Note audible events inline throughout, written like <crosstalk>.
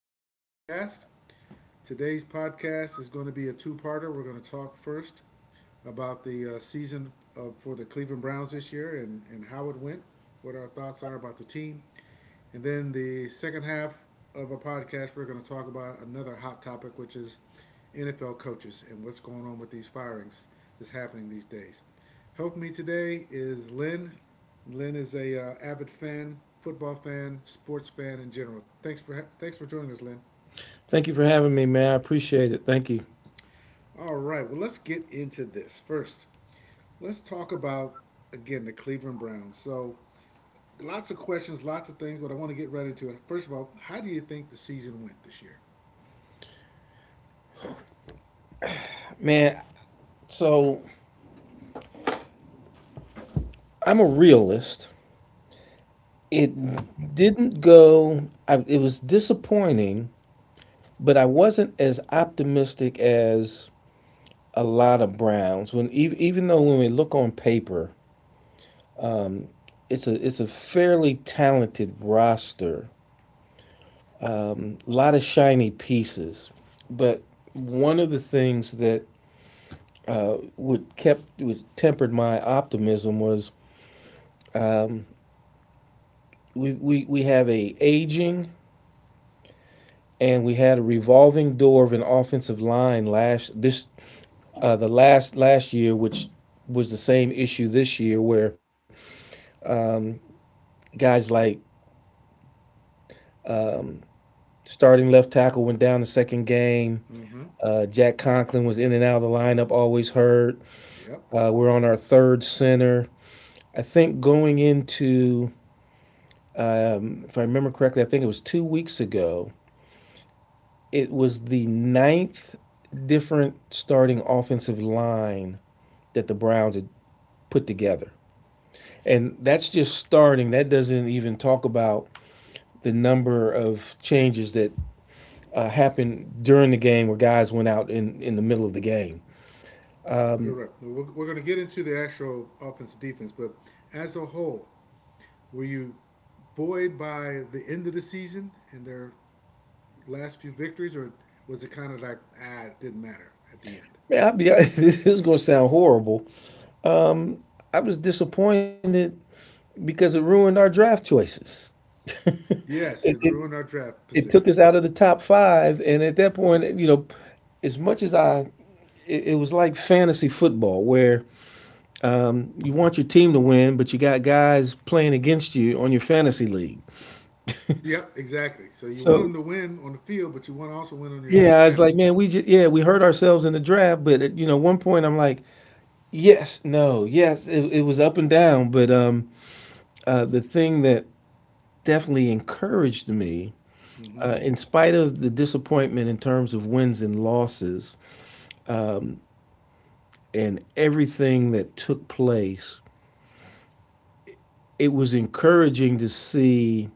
another podcast. Today's podcast is going to be a two parter. We're going to talk first about the season for the Cleveland Browns this year and how it went, what our thoughts are about the team, and then the second half of a podcast, we're going to talk about another hot topic, which is NFL coaches and what's going on with these firings that's happening these days. Help me today is Lynn. Lynn is a avid fan, football fan, sports fan in general. Thanks for joining us, Lynn. Thank you for having me, man. I appreciate it. Thank you. All right, well let's get into this first. Let's talk about again the Cleveland Browns. So lots of questions, lots of things, but I want to get right into it. First of all, how do you think the season went this year? Man, so I'm a realist. It didn't go, it was disappointing, but I wasn't as optimistic as a lot of Browns. Even though when we look on paper, it's a fairly talented roster. A lot of shiny pieces, but one of the things that would tempered my optimism was we have a aging and we had a revolving door of an offensive line last this the last last year, which was the same issue this year, where guys like starting left tackle went down the second game. Jack Conklin was in and out of the lineup, always hurt. Yep, We're on our third center. I think if I remember correctly, I think it was 2 weeks ago. It was the ninth different starting offensive line that the Browns had put together. And that's just starting. That doesn't even talk about the number of changes that happened during the game where guys went out in the middle of the game. correct. We're going to get into the actual offense defense, but as a whole, were you buoyed by the end of the season and their last few victories, or was it kind of like, ah, it didn't matter at the end? Man. <laughs> This is going to sound horrible. I was disappointed because it ruined our draft choices. <laughs> it, Yes, it it, ruined our draft it took position. us out of the top five. And at that point, you know, as much as I, it was like fantasy football where you want your team to win, but you got guys playing against you on your fantasy league. Yep, exactly. So you want So them to it's, win on the field, but you want to also win on your Yeah, I was like, fantasy. man, we just yeah, we hurt ourselves in the draft, but at, you know, one point I'm like, yes, no, yes, it was up and down, but the thing that definitely encouraged me, Hmm in spite of the disappointment in terms of wins and losses and everything that took place, it was encouraging to see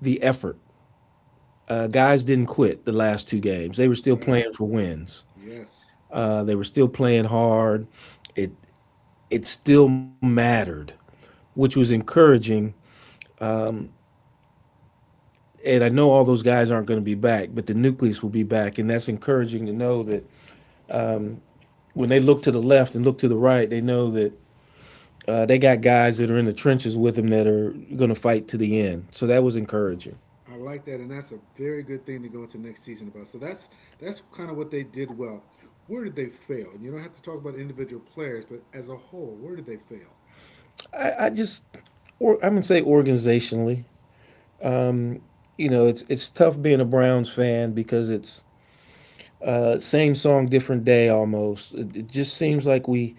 the effort. Guys didn't quit the last two games; they were still Right. playing for wins. Yes. They were still playing hard. It it still mattered, which was encouraging. And I know all those guys aren't going to be back, but the nucleus will be back. And that's encouraging to know that when they look to the left and look to the right, they know that they got guys that are in the trenches with them that are going to fight to the end. So that was encouraging. I like that, and that's a very good thing to go into next season about. So that's kind of what they did well. Where did they fail? And you don't have to talk about individual players, but as a whole, where did they fail? I, I just, I'm going to say organizationally, you know, it's tough being a Browns fan because it's same song, different day almost. It just seems like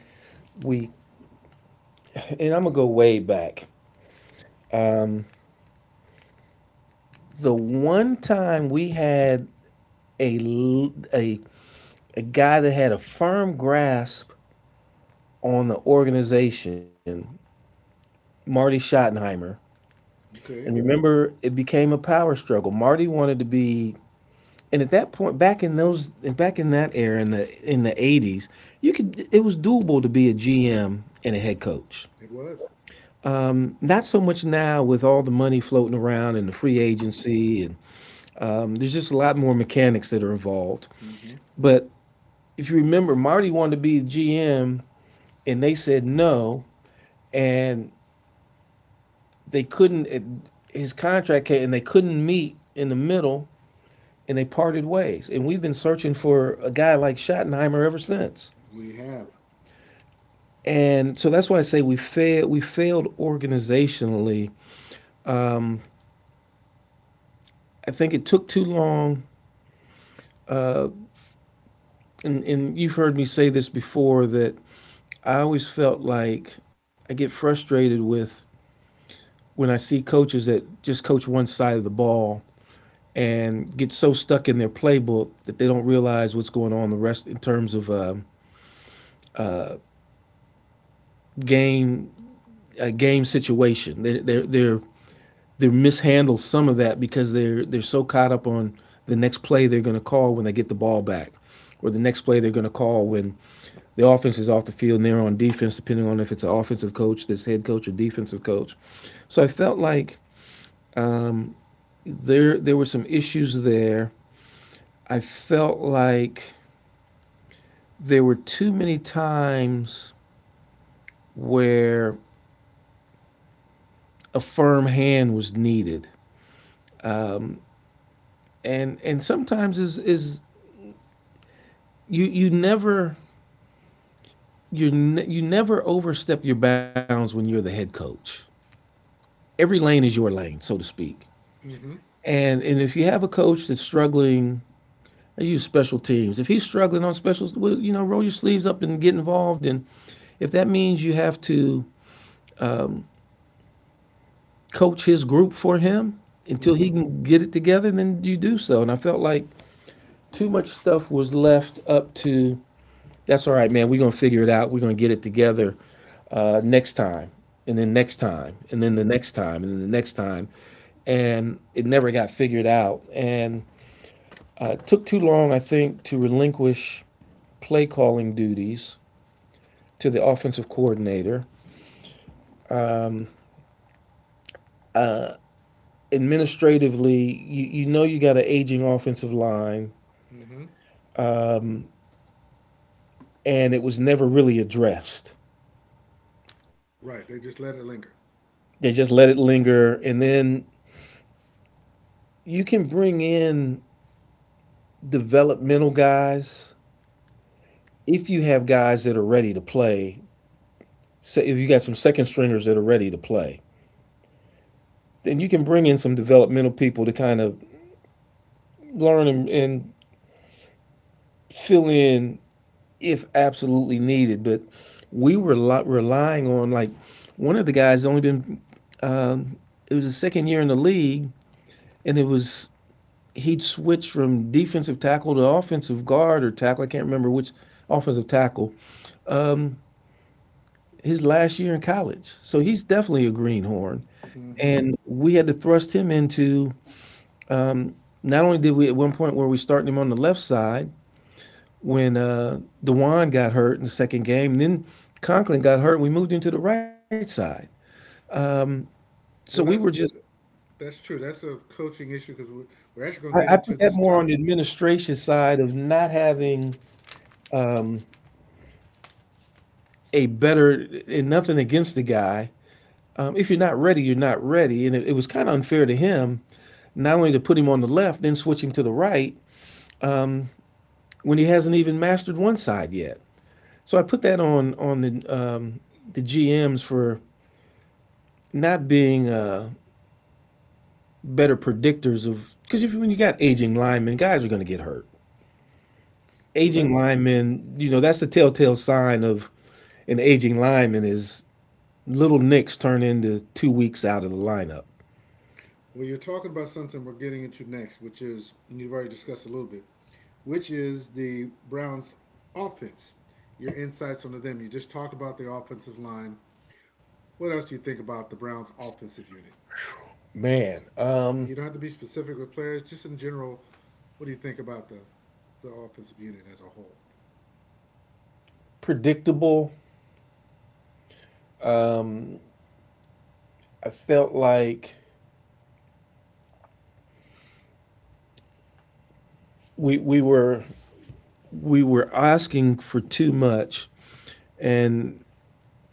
we and I'm gonna go way back. The one time we had a guy that had a firm grasp on the organization, Marty Schottenheimer. And Okay, remember, it became a power struggle. Marty wanted to be, And at that point, back in that era, in the eighties, you could it was doable to be a GM and a head coach. it was. Not so much now with all the money floating around and the free agency, and there's just a lot more mechanics that are involved. Mm-hmm. But if you remember, Marty wanted to be a GM, and they said no and they couldn't. His contract came, and they couldn't meet in the middle, and they parted ways. And we've been searching for a guy like Schottenheimer ever since. We have. And so that's why I say we failed. We failed organizationally. I think it took too long. And you've heard me say this before that I always felt like I get frustrated with when I see coaches that just coach one side of the ball and get so stuck in their playbook that they don't realize what's going on the rest in terms of game a game situation. They mishandle some of that because they're so caught up on the next play they're going to call when they get the ball back, or the next play they're going to call when the offense is off the field and they're on defense, depending on if it's an offensive coach, this head coach, or defensive coach. So I felt like there were some issues there. I felt like there were too many times where a firm hand was needed. And sometimes is you you never you never overstep your bounds when you're the head coach. Every lane is your lane, so to speak. Mm-hmm. And if you have a coach that's struggling, I use special teams. If he's struggling on specials, well, you know, roll your sleeves up and get involved. And if that means you have to coach his group for him until Mm-hmm. he can get it together, then you do so. And I felt like too much stuff was left up to that's all right, man. We're gonna figure it out. We're gonna get it together next time, and then next time, and then the next time, and then the next time. And it never got figured out. And it took too long, I think, to relinquish play calling duties to the offensive coordinator. Administratively, you know you got an aging offensive line, Mm-hmm. and it was never really addressed. Right, they just let it linger. They just let it linger, and then you can bring in developmental guys if you have guys that are ready to play, say if you got some second stringers that are ready to play, then you can bring in some developmental people to kind of learn and fill in if absolutely needed. But we were relying on like one of the guys only been it was his second year in the league, and it was he'd switch from defensive tackle to offensive guard or tackle. I can't remember which. Offensive tackle. His last year in college, so he's definitely a greenhorn Mm-hmm. and we had to thrust him into not only did we at one point where we starting him on the left side when Dewan got hurt in the second game, and then Conklin got hurt, and we moved him to the right side. So we Well, were that's just that's true. That's a coaching issue because we're actually going to get into put that this more on topic. the administration side of not having a better and nothing against the guy. If you're not ready, you're not ready, and it was kind of unfair to him not only to put him on the left, then switch him to the right when he hasn't even mastered one side yet. So I put that on the GMs for not being better predictors of because if when you got aging linemen, guys are going to get hurt. Well, Aging that's linemen, you know, that's the telltale sign of an aging lineman is little nicks turn into 2 weeks out of the lineup. Well, you're talking about something we're getting into next, which is, and you've already discussed a little bit, which is the Browns' offense. Your insights onto them. You just talked about the offensive line. What else do you think about the Browns' offensive unit? Man, um, You don't have to be specific with players, just in general. What do you think about the offensive unit as a whole? Predictable. I felt like we we were we were asking for too much, and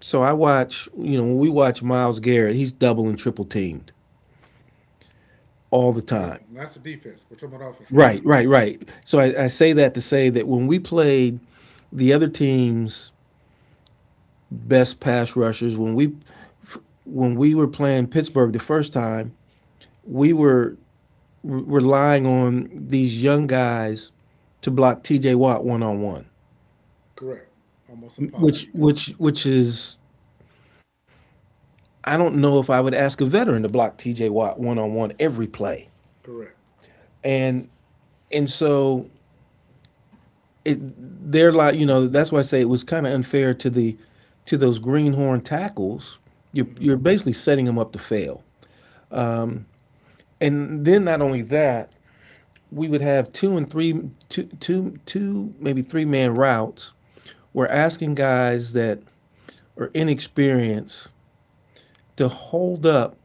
so I watch. You know, when we watch Miles Garrett, he's double and triple teamed all the And that, time. and that's the defense. We're talking about offense right Right, now. right, right. So I say that to say that when we played the other team's best pass rushers, when we were playing Pittsburgh the first time, we were re- relying on these young guys to block T.J. Watt one on one, Correct. Almost impossible to which do. which which is I don't know if I would ask a veteran to block T.J. Watt one on one every play, Correct. and and so they're like you know that's why I say it was kind of unfair to the to those greenhorn tackles. You're Mm-hmm. you're basically setting them up to fail. And then not only that, we would have two and three, two, two, two, maybe three-man routes. We're asking guys that are inexperienced to hold up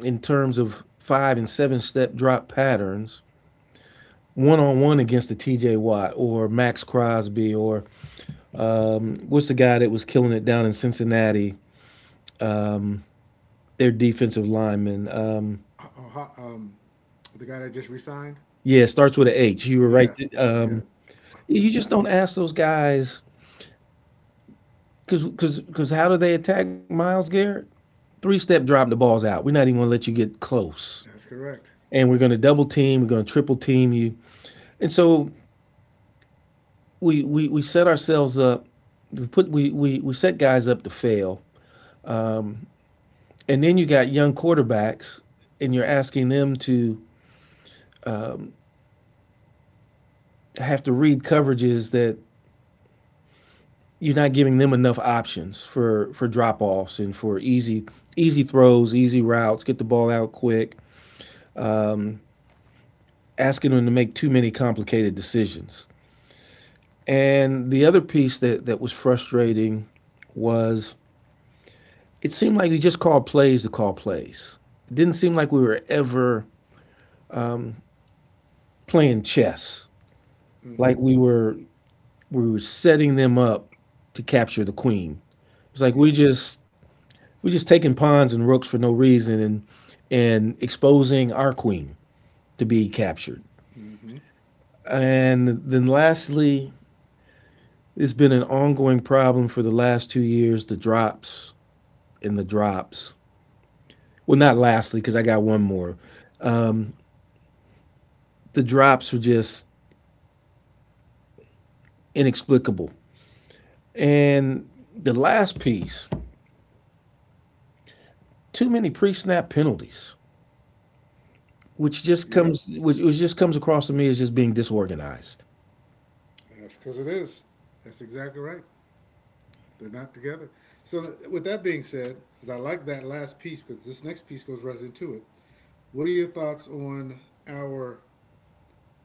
in terms of five and seven step drop patterns one on one against a T.J. Watt or Max Crosby or what's the guy that was killing it down in Cincinnati? Their defensive lineman. Uh, Um, the guy that just resigned. Yeah, it starts with an H. You were right. Yeah, yeah. Um, yeah, you just don't ask those guys because how do they attack Miles Garrett? Three step drop, the ball's out. We're not even going to let you get close, That's correct. and we're going to double team. We're going to triple team you, and so we set ourselves up. We put we set guys up to fail, and then you got young quarterbacks, and you're asking them to have to read coverages that you're not giving them enough options for drop offs and for easy throws, easy routes, get the ball out quick, asking them to make too many complicated decisions. And the other piece that was frustrating was it seemed like we just called plays to call plays. It didn't seem like we were ever playing chess, Mm-hmm. like we were setting them up to capture the queen. It's like Yep. We just taking pawns and rooks for no reason and exposing our queen to be captured. Mm-hmm. And then lastly, it's been an ongoing problem for the last 2 years, the drops and the drops. Well, not lastly, because I got one more. Um, the drops were just inexplicable. And the last piece, too many pre snap penalties, which just Yep. comes which just comes across to me as just being disorganized. That's because it is. That's exactly right. They're not together. So, with that being said, because I like that last piece, because this next piece goes right into it. What are your thoughts on our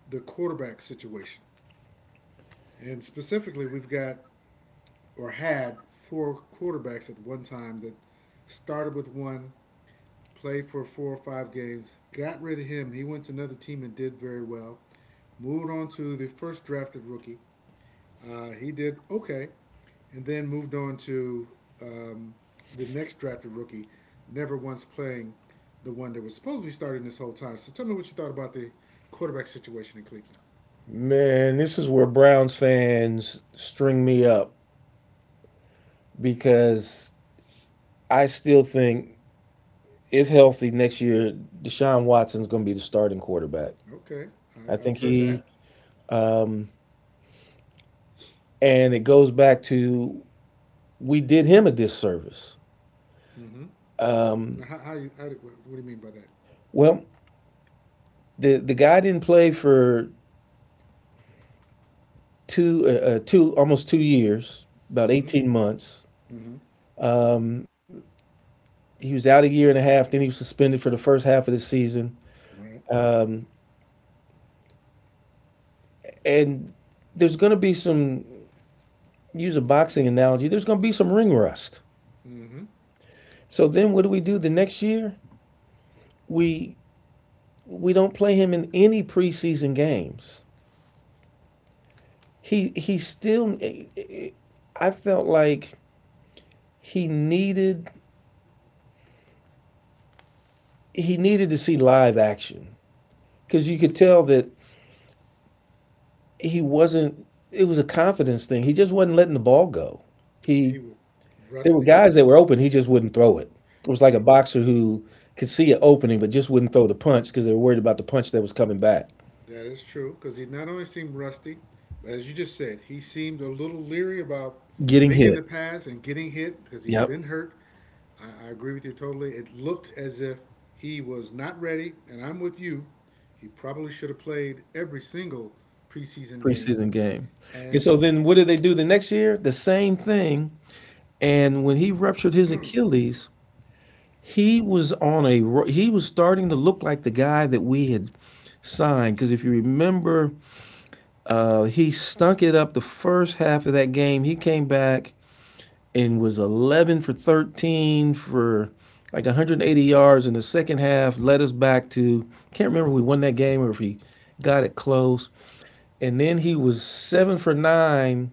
the quarterback situation? And specifically, we've got or had four quarterbacks at one time that started with one, played for four or five games, got rid of him. He went to another team and did very well. Moved on to the first drafted rookie. He did okay, and then moved on to um, the next drafted rookie, never once playing the one that was supposed to be starting this whole time. So tell me what you thought about the quarterback situation in Cleveland. Man, this is where Browns fans string me up because I still think if healthy next year, Deshaun Watson's going to be the starting quarterback. Okay, I I've think heard that. Um, and it goes back to we did him a disservice. Now, what do you mean by that? Well, the guy didn't play for 2 years, about Mm-hmm. 18 months. Mm-hmm. He was out a year and a half. Then he was suspended for the first half of the season. Right. Um, and there's going to be some, use a boxing analogy, there's going to be some ring rust. Mm-hmm. So then, what do we do the next year? We We don't play him in any preseason games. He still, I felt like he needed he needed to see live action cuz you could tell that he wasn't, it was a confidence thing. He just wasn't letting the ball go. He, He was there were rusty. guys that were open, he just wouldn't throw it. It was like a He boxer who could see an opening but just wouldn't throw the punch because they were worried about the punch that was coming back. That is true because he not only seemed rusty, but as you just said, he seemed a little leery about Getting making the hit. pass and getting hit because he's Yep. been hurt. I agree with you totally. It looked as if he was not ready, and I'm with you. He probably should have played every single preseason game. Preseason game. And so And then what did they do the next year? The same thing. And when he ruptured his Achilles, he was on a he was starting to look like the guy that we had signed. Because if you remember, he stunk it up the first half of that game. He came back and was 11 for 13 for like 180 yards in the second half. Led us back to, can't remember if we won that game or if he got it close. And then he was seven for nine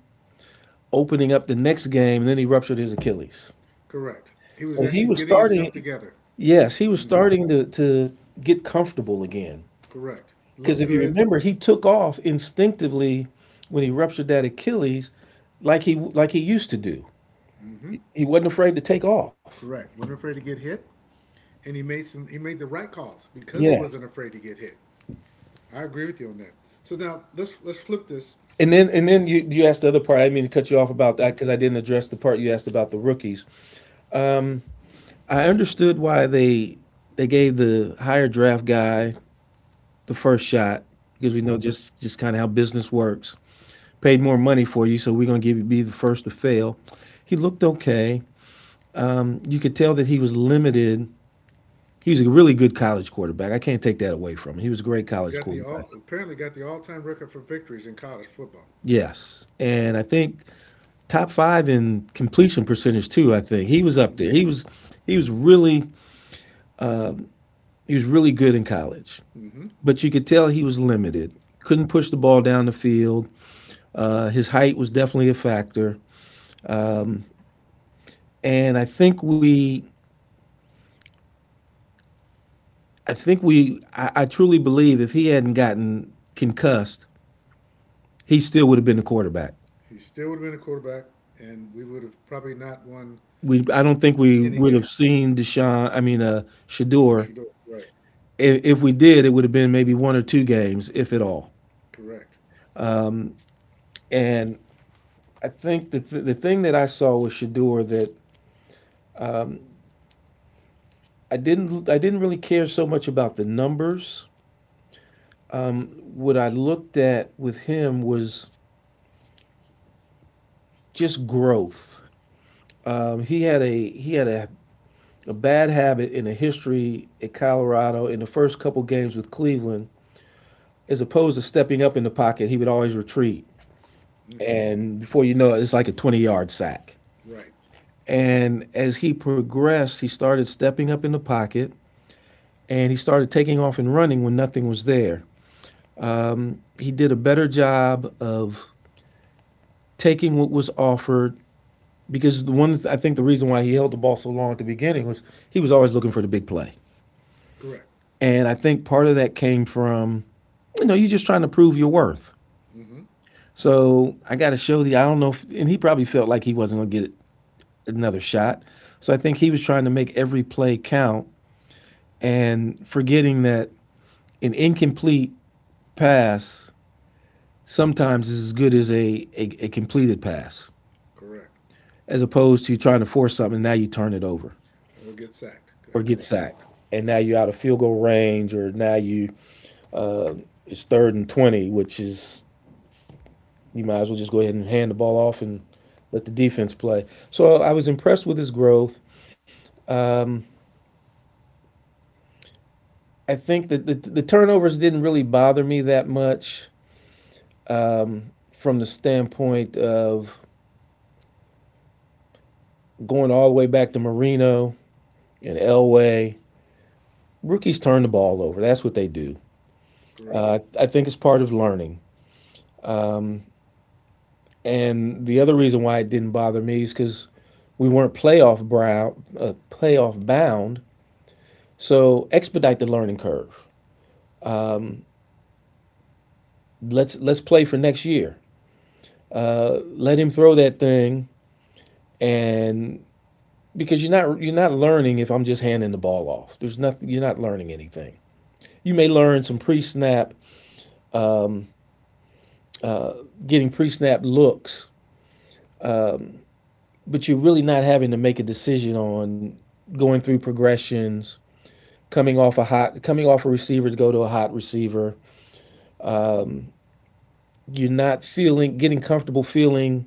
opening up the next game. And then he ruptured his Achilles. correct, he was So he actually was getting himself starting. together. Yes, he was starting to get comfortable again. Correct, Because looked if you good. remember, he took off instinctively when he ruptured that Achilles, like he used to do. He wasn't afraid to take off. Correct, wasn't afraid to get hit, and he made some. He made the right calls because he Yes. wasn't afraid to get hit. I agree with you on that. So now let's flip this. And then you asked the other part. I didn't mean to cut you off about that because I didn't address the part you asked about the rookies. Um, I understood why they gave the higher draft guy the first shot because we know just kind of how business works. Paid more money for you, so we're going to give you, be the first to fail. He looked okay. You could tell that he was limited. He was a really good college quarterback. I can't take that away from him. He was a great college Got the quarterback. all apparently got the all time record for victories in college football. Yes. And I think top 5 in completion percentage too, I think. He was up Mm-hmm. there. He was really he was really good in college. Mm-hmm. But you could tell he was limited. Couldn't push the ball down the field. His height was definitely a factor. And I think we I think we, I truly believe if he hadn't gotten concussed, he still would have been the quarterback. He still would have been a quarterback, and we would have probably not won I don't think we any would have games. seen Deshaun. I mean, Shador. Shador, right? If we did, it would have been maybe one or two games, if at all. Correct. And I think the thing that I saw with Shador, that I didn't really care so much about the numbers. What I looked at with him was just growth. He had a a bad habit in the history at Colorado in the first couple games with Cleveland, as opposed to stepping up in the pocket, he would always retreat. And before you know it, it's like a 20-yard sack. Right. And as he progressed, he started stepping up in the pocket and he started taking off and running when nothing was there. He did a better job of taking what was offered because the one I think the reason why he held the ball so long at the beginning was he was always looking for the big play. Correct. And I think part of that came from, you know, you're just trying to prove your worth. Mm-hmm. So I got to show the, I don't know, if, and he probably felt like he wasn't going to get another shot. So I think he was trying to make every play count and forgetting that an incomplete pass sometimes is as good as a completed pass, Correct. as opposed to trying to force something. And now you turn it over Or get sacked. That's or get correct. sacked. And now you're out of field goal range, or now you, it's third and 20, which is, you might as well just go ahead and hand the ball off and let the defense play. So I was impressed with his growth. I think that the turnovers didn't really bother me that much from the standpoint of, going all the way back to Marino and Elway, rookies turn the ball over. That's what they do. Correct. I think it's part of learning. And the other reason why it didn't bother me is because we weren't playoff bound. So expedite the learning curve. Let's play for next year. Let him throw that thing, and because you're not learning if I'm just handing the ball off. There's nothing, you're not learning anything. You may learn some pre-snap, getting pre-snap looks, but you're really not having to make a decision on going through progressions, coming off a receiver to go to a hot receiver. You're not feeling getting comfortable feeling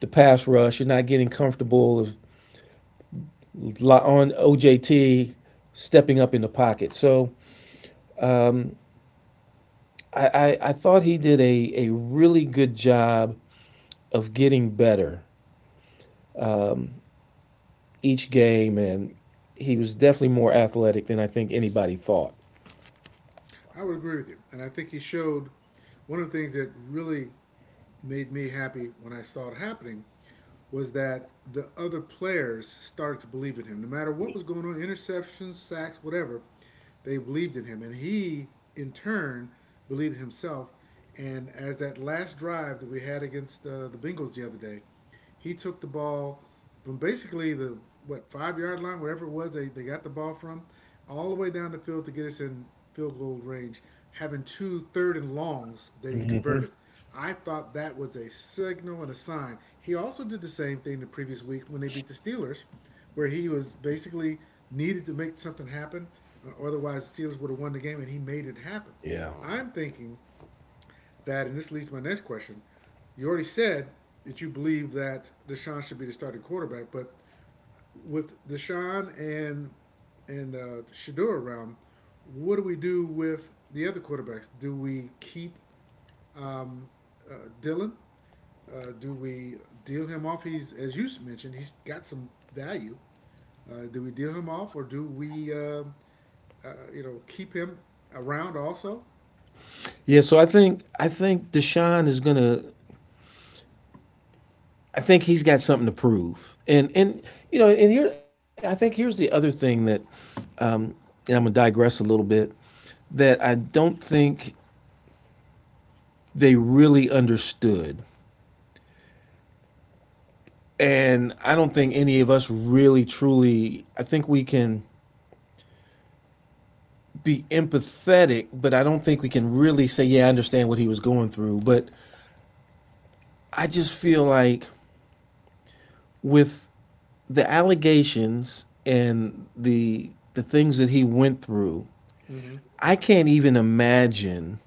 the pass rush. You're not getting comfortable on OJT stepping up in the pocket. So I thought he did a really good job of getting better each game, and he was definitely more athletic than I think anybody thought. I would agree with you, and I think he showed one of the things that really made me happy when I saw it happening was that the other players started to believe in him. No matter what was going on, interceptions, sacks, whatever, they believed in him. And he, in turn, believed in himself. And as that last drive that we had against the Bengals the other day, he took the ball from basically the what 5-yard line, wherever it was they got the ball from, all the way down the field to get us in field goal range, having two third and longs that he Hmm. converted. I thought that was a signal and a sign. He also did the same thing the previous week when they beat the Steelers, where he was basically needed to make something happen, otherwise the Steelers would have won the game, and he made it happen. Yeah. I'm thinking that, and this leads to my next question. You already said that you believe that Deshaun should be the starting quarterback, but with Deshaun and Shador around, what do we do with the other quarterbacks? Do we keep um, Dylan? Do we deal him off? He's as you mentioned, he's got some value. Do we deal him off, or do we, you know, keep him around also? Yeah, so I think Deshaun is gonna, I think he's got something to prove. And you know, and here I think here's the other thing that, and I'm gonna digress a little bit, that I don't think they really understood, and I don't think any of us really truly, I think we can be empathetic, but I don't think we can really say, yeah, I understand what he was going through. But I just feel like with the allegations and the things that he went through, Mm-hmm. I can't even imagine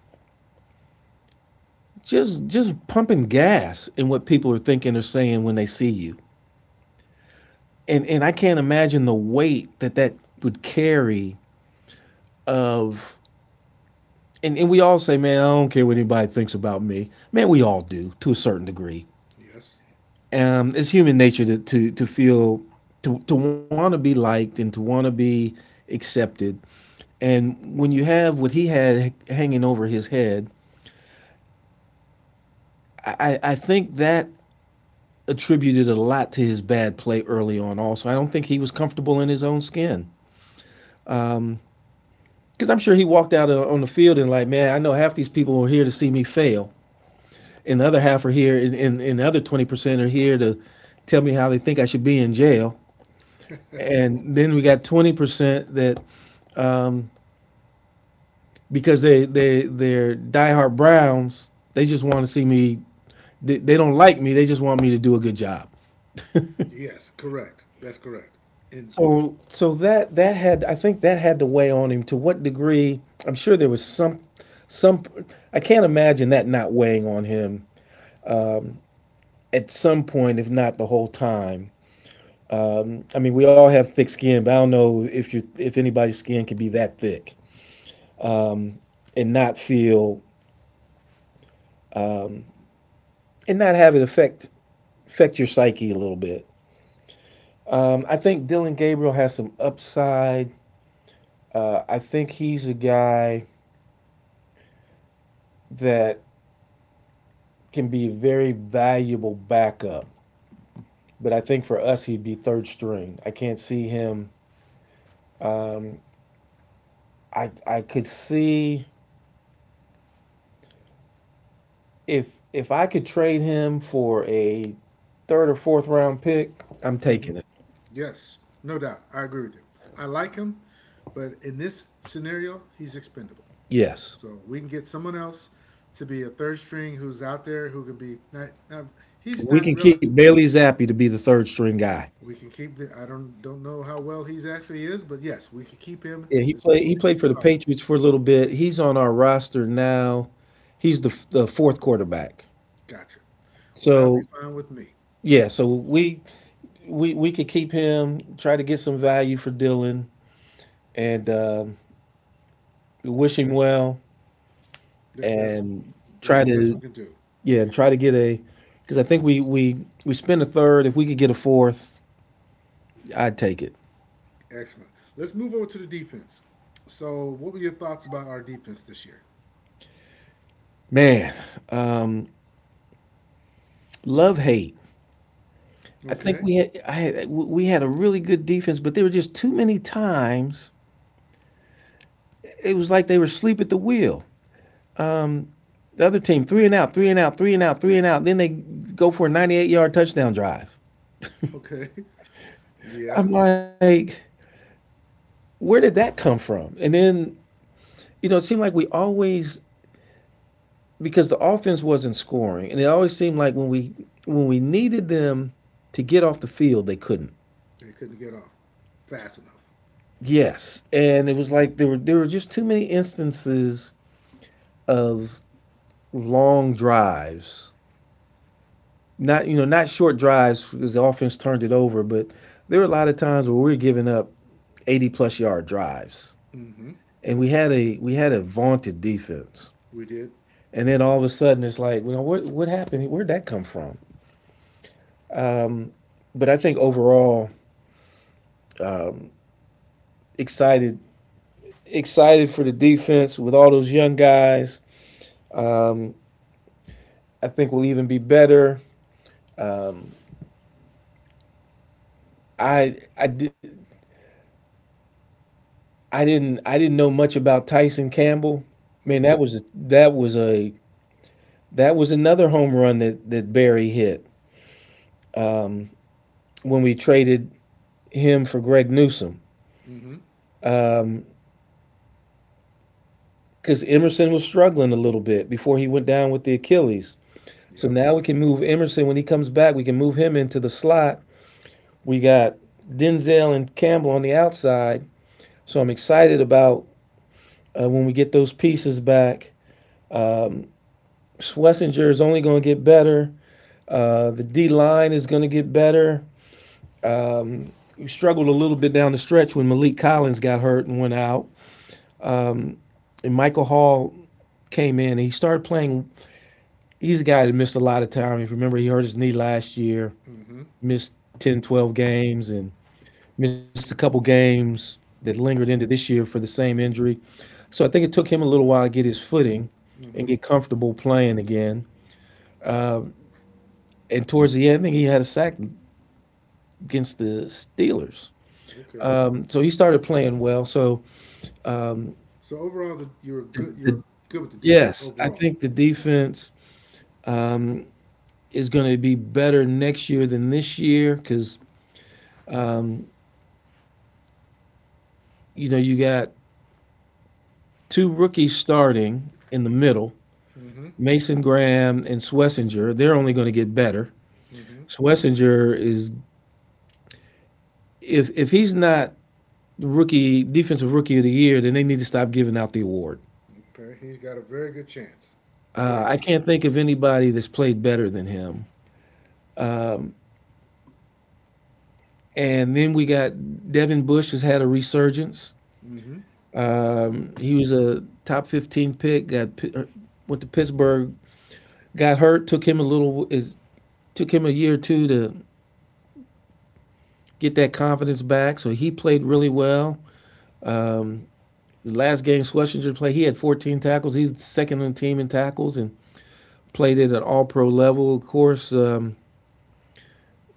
just pumping gas, in what people are thinking or saying when they see you. And I can't imagine the weight that that would carry, of, and we all say, man, I don't care what anybody thinks about me. Man, we all do to a certain degree. Yes, It's human nature to, to feel, to want to be liked and to want to be accepted. And when you have what he had hanging over his head, I think that attributed a lot to his bad play early on. Also, I don't think he was comfortable in his own skin because I'm sure he walked out on the field and like, man, I know half these people are here to see me fail, and the other half are here, and the other 20% are here to tell me how they think I should be in jail. And then we got 20% that, because they're diehard Browns. They just want to see me. They don't like me. They just want me to do a good job. Yes, correct. That's correct. And So that had, I think that had to weigh on him. To what degree? I'm sure there was some, I can't imagine that not weighing on him at some point, if not the whole time. I mean, we all have thick skin, but I don't know if you, if anybody's skin can be that thick and not feel and not have it affect your psyche a little bit. I think Dylan Gabriel has some upside. I think he's a guy that can be a very valuable backup. But I think for us, he'd be third string. I can't see him. I could see if if I could trade him for a third or fourth round pick, I'm taking it. yes, no doubt, I agree with you. I like him, but in this scenario, he's expendable. Yes, So we can get someone else to be a third string who's out there who can be not. Not he's we not can keep relative. Bailey Zappi to be the third string guy. We can keep the. I don't know how well he's actually is, but yes, we could keep him Yeah, he as played. He long as he played can be for the solid. Patriots for a little bit. He's on our roster now. He's the fourth quarterback. Gotcha. Well, that'll be So fine with me. yeah, so we we we could keep him, try to get some value for Dylan, and wish him well, That, that's and that's try the best we to can do. Try to get a, because I think we spend a third. If we could get a fourth, I'd take it. Excellent. Let's move over to the defense. So, what were your thoughts about our defense this year? Man, love hate. I think Okay. we had I had, we had a really good defense, but there were just too many times it was like they were asleep at the wheel. The other team three and out, three and out, three and out, three and out. Then they go for a 98-yard touchdown drive. <laughs> Okay. Yeah. I'm like, where did that come from? And then, you know, it seemed like we always, because the offense wasn't scoring, and it always seemed like when we needed them to get off the field, they couldn't. They couldn't get off fast enough. Yes, and it was like there were just too many instances of long drives. Not, you know, not short drives because the offense turned it over, but there were a lot of times where we were giving up 80 plus yard drives, Mm-hmm. and we had a vaunted defense. We did. And then all of a sudden it's like, well, what happened? Where'd that come from? But I think overall, excited excited for the defense with all those young guys. Um, I think we'll even be better. I I did. I didn't know much about Tyson Campbell. Man, Mm-hmm. That was another home run that Barry hit when we traded him for Greg Newsom, Mm-hmm. because Emerson was struggling a little bit before he went down with the Achilles. So Yeah. now we can move Emerson when he comes back. We can move him into the slot. We got Denzel and Campbell on the outside. So I'm excited about when we get those pieces back. Schlesinger is only going to get better. The D line is going to get better. Um, we struggled a little bit down the stretch when Malik Collins got hurt and went out, and Michael Hall came in. And he started playing. He's a guy that missed a lot of time. If you remember, he hurt his knee last year, missed 10, 12 games, and missed a couple games that lingered into this year for the same injury. So I think it took him a little while to get his footing and get comfortable playing again. Um, and towards the end, I think he had a sack against the Steelers. Okay. So he started playing well. So um, So overall, the, you were the, good. You the, were good with the defense yes, I overall. think the defense um, is going to be better next year than this year because um, you know, you got two rookies starting in the middle, Mason Graham and Swessinger. They're only going to get better. Schlesinger, is if he's not rookie defensive rookie of the year, then they need to stop giving out the award. Okay. He's got a very good chance. Very good I can't think chance. of anybody that's played better than him. And then we got Devin Bush has had a resurgence. He was a top 15 pick. Got Went to Pittsburgh. Got hurt. Took him a year or two to get that confidence back. So he played really well. Um, the last game Schlesinger played, he had 14 tackles. He's second on the team in tackles, and played it at all pro level. Of course,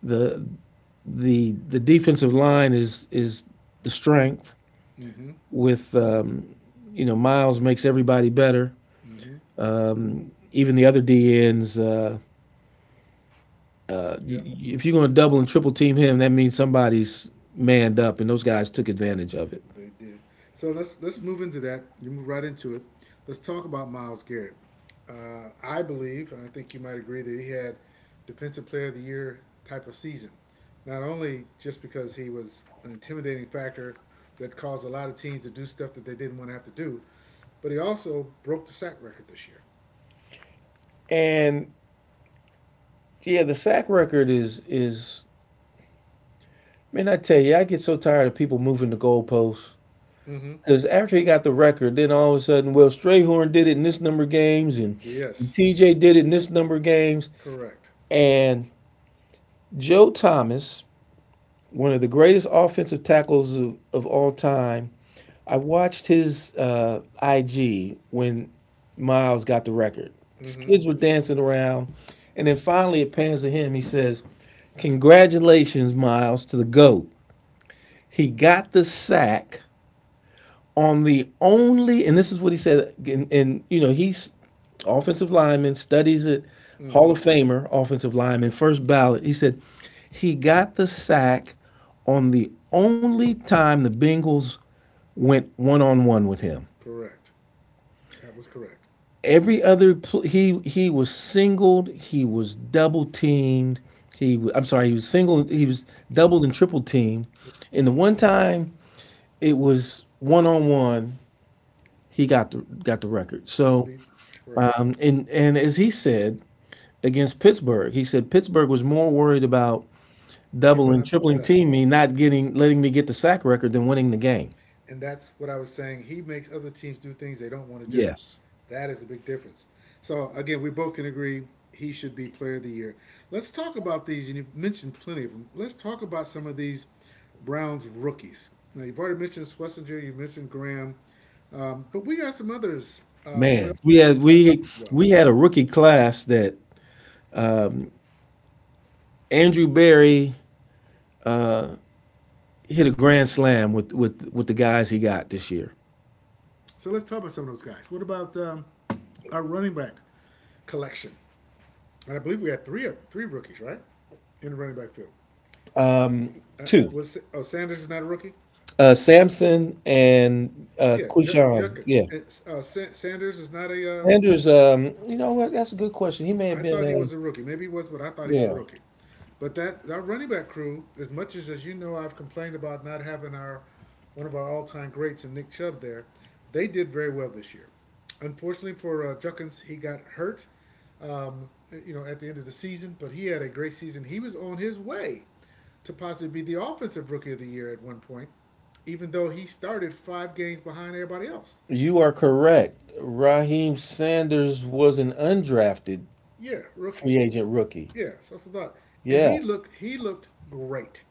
the the defensive line is the strength. Mm-hmm. With you know, Miles makes everybody better. Mm-hmm. Even the other DNs, uh, Yeah. if you're going to double and triple team him, that means somebody's manned up, and those guys took advantage of it. They did. So let's move into that. You move right into it. Let's talk about Miles Garrett. I believe, and I think you might agree, that he had defensive player of the year type of season. Not only just because he was an intimidating factor that caused a lot of teams to do stuff that they didn't want to have to do, but he also broke the sack record this year. And yeah, the sack record is. Man, I tell you, I get so tired of people moving the goalposts. Mm-hmm. Because after he got the record, then all of a sudden, well, Strayhorn did it in this number of games, and Yes, TJ did it in this number of games. correct. And Joe Thomas, one of the greatest offensive tackles of all time, I watched his IG when Miles got the record. His Mm-hmm. kids were dancing around. And then finally, it pans to him. He says, "Congratulations, Miles, to the GOAT." He got the sack on the only, and this is what he said, and you know, he's offensive lineman, studies it, Hall of Mm-hmm. Famer, offensive lineman, first ballot. He said he got the sack on the only time the Bengals went one on one with him. Correct. That was correct. Every other, he was singled, he was double teamed. He I I'm sorry, he was doubled and triple teamed. And the one time it was one on one, he got the, got the record. He So beat. That's correct. And as he said against Pittsburgh, he said Pittsburgh was more worried about Giving doubling, up the tripling team sack. me, not getting, letting me get the sack record than winning the game. And that's what I was saying. He makes other teams do things they don't want to do. Yes, That is a big difference. So again, we both can agree he should be player of the year. Let's talk about these, and you've mentioned plenty of them. Let's talk about some of these Browns rookies. Now you've already mentioned Schlesinger, you mentioned Graham, but we got some others on the man, offensive side there as well. we had a rookie class that Andrew Barry hit a grand slam with the guys he got this year. So let's talk about some of those guys. What about our running back collection? And I believe we had three of them, three rookies, right, in the running back field. Um, Two, Was oh Sanders is not a rookie? Samson and Quishon. Judkins. Yeah, Sanders is not a Sanders. You know what? That's a good question. He may have I thought he been was a rookie. Maybe he was, but I thought a, he was a yeah. rookie. But that running back crew, as much as you know, I've complained about not having our one of our all time greats and Nick Chubb there. They did very well this year. Unfortunately for Juckins, he got hurt. Um, you know, at the end of the season, but he had a great season. He was on his way to possibly be the offensive rookie of the year at one point, even though he started five games behind everybody else. You are correct. Raheem Sanders was an undrafted Yeah, rookie. free agent rookie. Yeah, so that's the thought. And Yes, he looked great.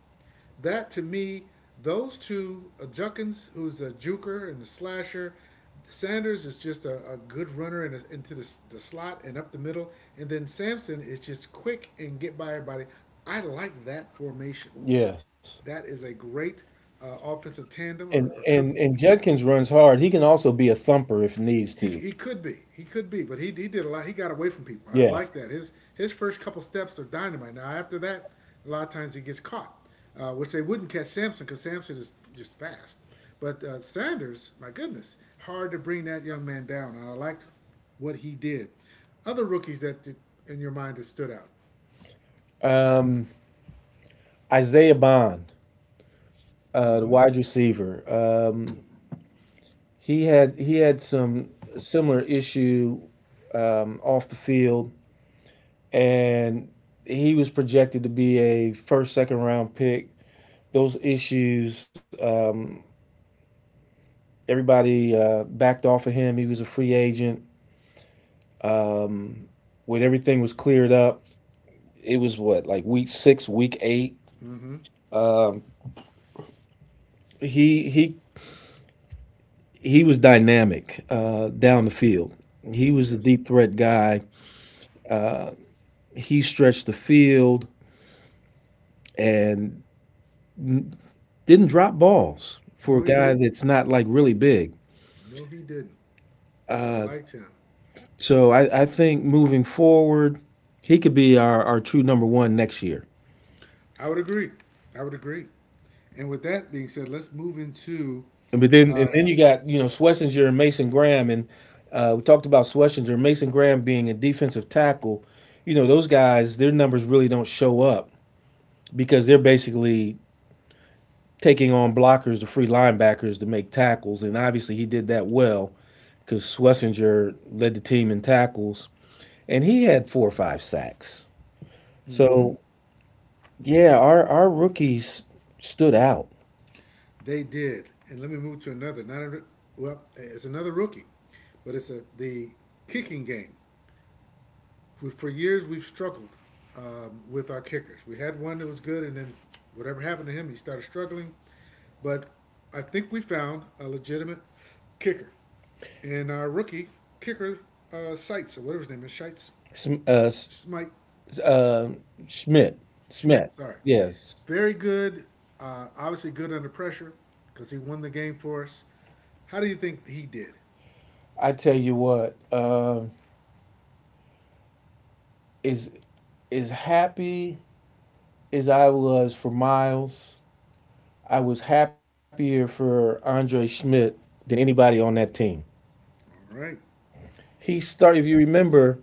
That to me, those two, Juckins, who's a juker and a slasher, Sanders is just a good runner and is into the slot and up the middle, and then Sampson is just quick and get by everybody. I like that formation. yes. That is a great offensive tandem And or trip and and Judkins runs hard. He can also be a thumper if needs He, to. he could be. He could be. But he did a lot. He got away from people. I Yes. like that. His first couple steps are dynamite. Now after that, a lot of times he gets caught, which they wouldn't catch Samson because Samson is just fast. But Sanders, my goodness, hard to bring that young man down. And I liked what he did. Other rookies that did, in your mind that stood out. Um, Isaiah Bond, the wide receiver. Um, he had some similar issue off the field, and he was projected to be a first, second round pick. Those issues, everybody backed off of him. He was a free agent. When everything was cleared up, it was what, like week six, week eight. He he he was dynamic down the field. He was a Yes. deep threat guy. He stretched the field and didn't drop balls for No, a he guy didn't. that's not like really big. No, he didn't. I liked him. So I think moving forward, he could be our true number one next year. I would agree. I would agree. And with that being said, let's move into. But then, and then you got, you know, Schlesinger and Mason Graham, and we talked about Schlesinger, Mason Graham being a defensive tackle. You know those guys, their numbers really don't show up because they're basically taking on blockers, the free linebackers, to make tackles, and obviously he did that well because Schlesinger led the team in tackles, and he had four or five sacks. So yeah, our rookies stood out. They did. And let me move to another. Not a, well, it's another rookie, but it's the kicking game. For years, we've struggled with our kickers. We had one that was good, and then whatever happened to him, he started struggling. But I think we found a legitimate kicker in our rookie kicker Sites or whatever his name is, Shites, Sm- Uh, s- Smite. uh, Schmidt, Schmidt, Schmidt, sorry. yes, Very good. Obviously good under pressure because he won the game for us. How do you think he did? I tell you what, is as happy as I was for Miles, I was happier for Andre Schmidt than anybody on that team. All right. He started, if you remember,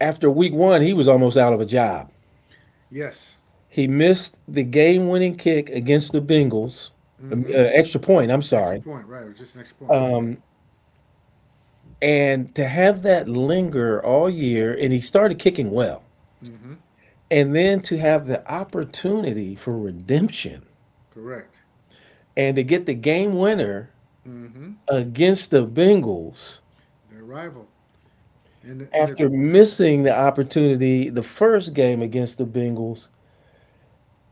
after week one, he was almost out of a job. Yes. He missed the game winning kick against the Bengals, extra point, I'm Extra sorry. point, right? It was just an extra point. Correct. Um, and to have that linger all year, and he started kicking well. And then to have the opportunity for redemption Correct. and to get the game winner Mm-hmm. against the Bengals Their rival. In the, in the, after missing the opportunity the first game against the Bengals.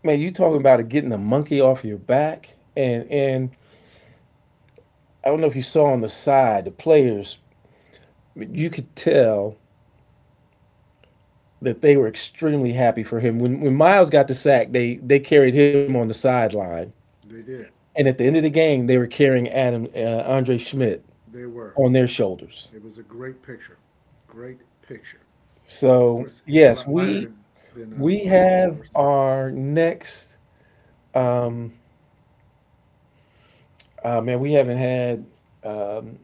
Man, you talking about it getting the monkey off your back, and I don't know if you saw on the side the players, you could tell that they were extremely happy for him. When Miles got the sack, they carried him on the sideline, they did. and at the end of the game, they were carrying Adam Andre Schmidt They were. on their shoulders. It was a great picture. Great picture. Of So course, he's a yes, lot lighter we than Miles, of have course. our next. Um, Man, we haven't had um,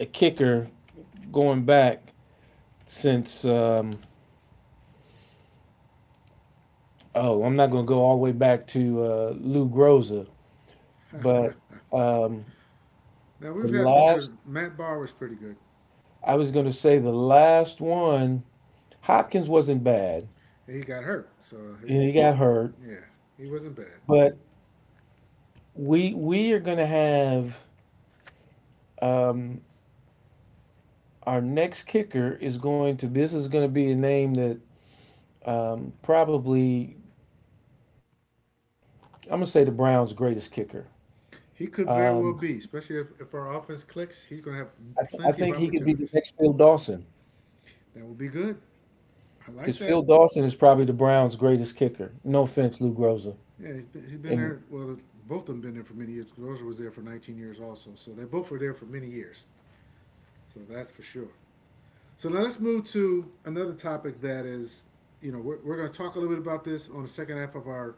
a kicker going back since. Oh, I'm not going to go all the way back to Lou Groza, but um, Now we've the had some last. good. Matt Barr was pretty good. I was going to say the last one. Hopkins wasn't bad, He got hurt, so and he his got hurt, yeah, he wasn't bad. but we are going to have um, our next kicker is going to. This is going to be a name that probably, I'm gonna say, the Browns' greatest kicker. He could very well Um, be, especially if our offense clicks. He's going to have plenty of I think he could opportunities. be the next Phil Dawson That will be good. I like because that. Phil Dawson is probably the Browns' greatest kicker. No offense, Lou Groza, Yeah, he's been and there. Well, both of them been there for many years. Rosa was there for 19 years also. So they both were there for many years. So that's for sure. So now let's move to another topic that is, you know, we're going to talk a little bit about this on the second half of our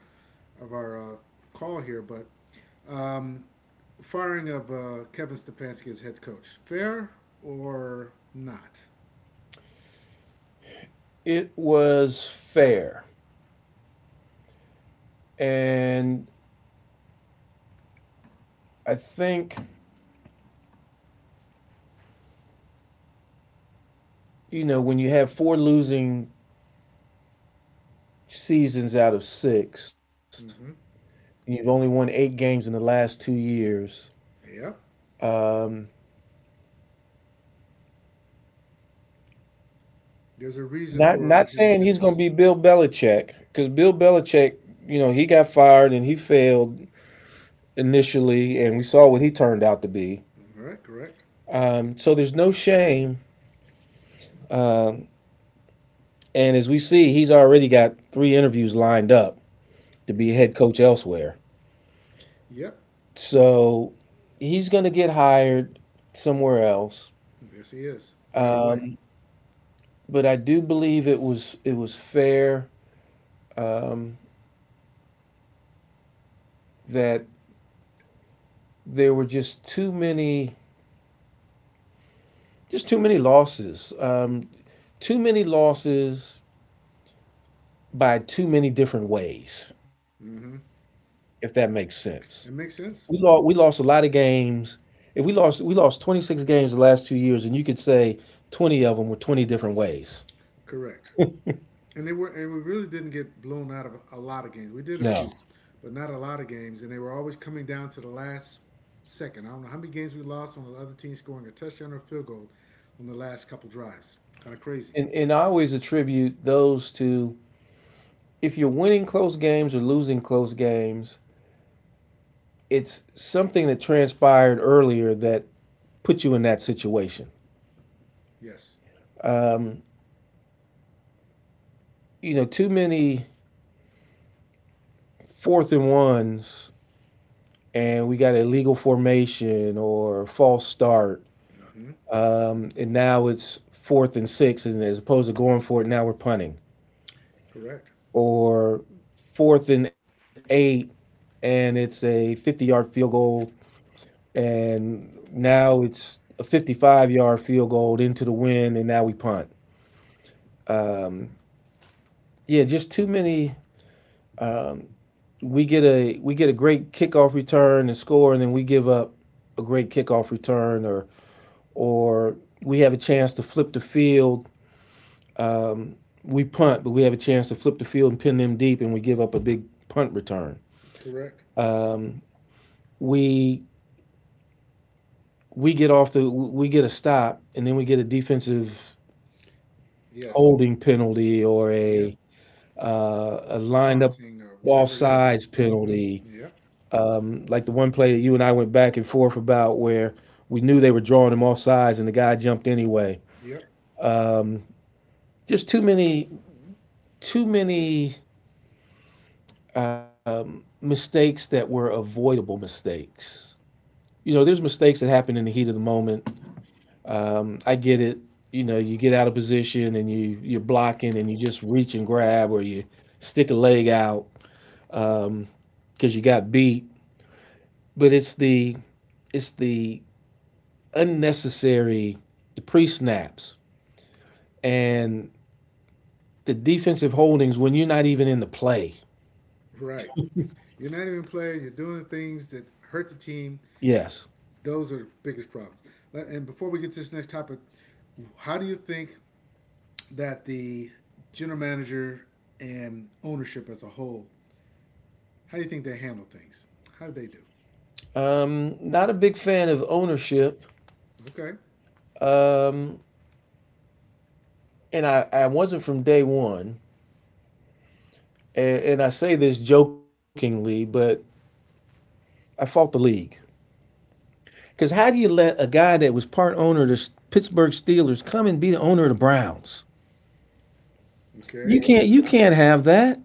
of our uh, call here, but firing of Kevin Stefanski as head coach, fair or not? it was fair. And I think, you know, when you have four losing seasons out of six, Mm-hmm. and you've only won eight games in the last 2 years. Yeah. There's a reason Not for not him saying did he's going to this. be Bill Belichick, because Bill Belichick, you know, he got fired and he failed initially, and we saw He- what he turned out to be. All right, correct. So there's no shame. Um, and as we see, he's already got three interviews lined up to be Yep, head coach elsewhere. yep. So he's going to get hired somewhere else. Yes, he is right away. Um, but I do believe it was fair, um, that there were just too many losses by too many different ways. Mm-hmm. If that makes sense. It makes sense. We lost a lot of games. If we lost, we lost 26 games the last 2 years, and you could say 20 of them were 20 different ways. Correct. And we really didn't get blown out of a lot of games. We did a No. few, but not a lot of games. And they were always coming down to the last second. I don't know how many games we lost on the other team scoring a touchdown or a field goal on the last couple drives. Kind of crazy. And I always attribute those to if you're winning close games or losing close games, it's something that transpired earlier that put you in that situation. Yes. Um, you know, too many fourth and ones, and we got illegal formation or false start, and now it's fourth and six, and as opposed to going for it, now we're punting. Correct. Or fourth and eight, and it's a 50-yard field goal, and now it's a 55-yard field goal into the wind, and now we punt. Yeah, just too many. We get a great kickoff return and score, and then we give up a great kickoff return, or we have a chance to flip the field. We punt, but we have a chance to flip the field and pin them deep, and we give up a big punt return. Correct. we we get off the we get a stop, and then we get a defensive Yes. holding penalty or Yep. A lined up Taunting or whatever offsides it is. penalty Mm-hmm. Yep. like the one play that you and I went back and forth about, where we knew they were drawing him offsides and the guy jumped anyway. Yep. Just too many, too many mistakes that were avoidable mistakes. You know, there's mistakes that happen in the heat of the moment. I get it. You know, you get out of position and you're blocking and you just reach and grab, or you stick a leg out because you got beat. But it's the unnecessary, the pre snaps and the defensive holdings when you're not even in the play. Right. You're not even playing. You're doing things that hurt the team. Yes, Those are the biggest problems. And before we get to this next topic, how do you think that the general manager and ownership as a whole, how do you think they handle things? How do they do? Not a big fan of ownership. Okay. Um, and I wasn't from day one. And I say this jokingly, but I fought the league. Because how do you let a guy that was part owner of the Pittsburgh Steelers come and be the owner of the Browns? You Okay. can't. You can't have that.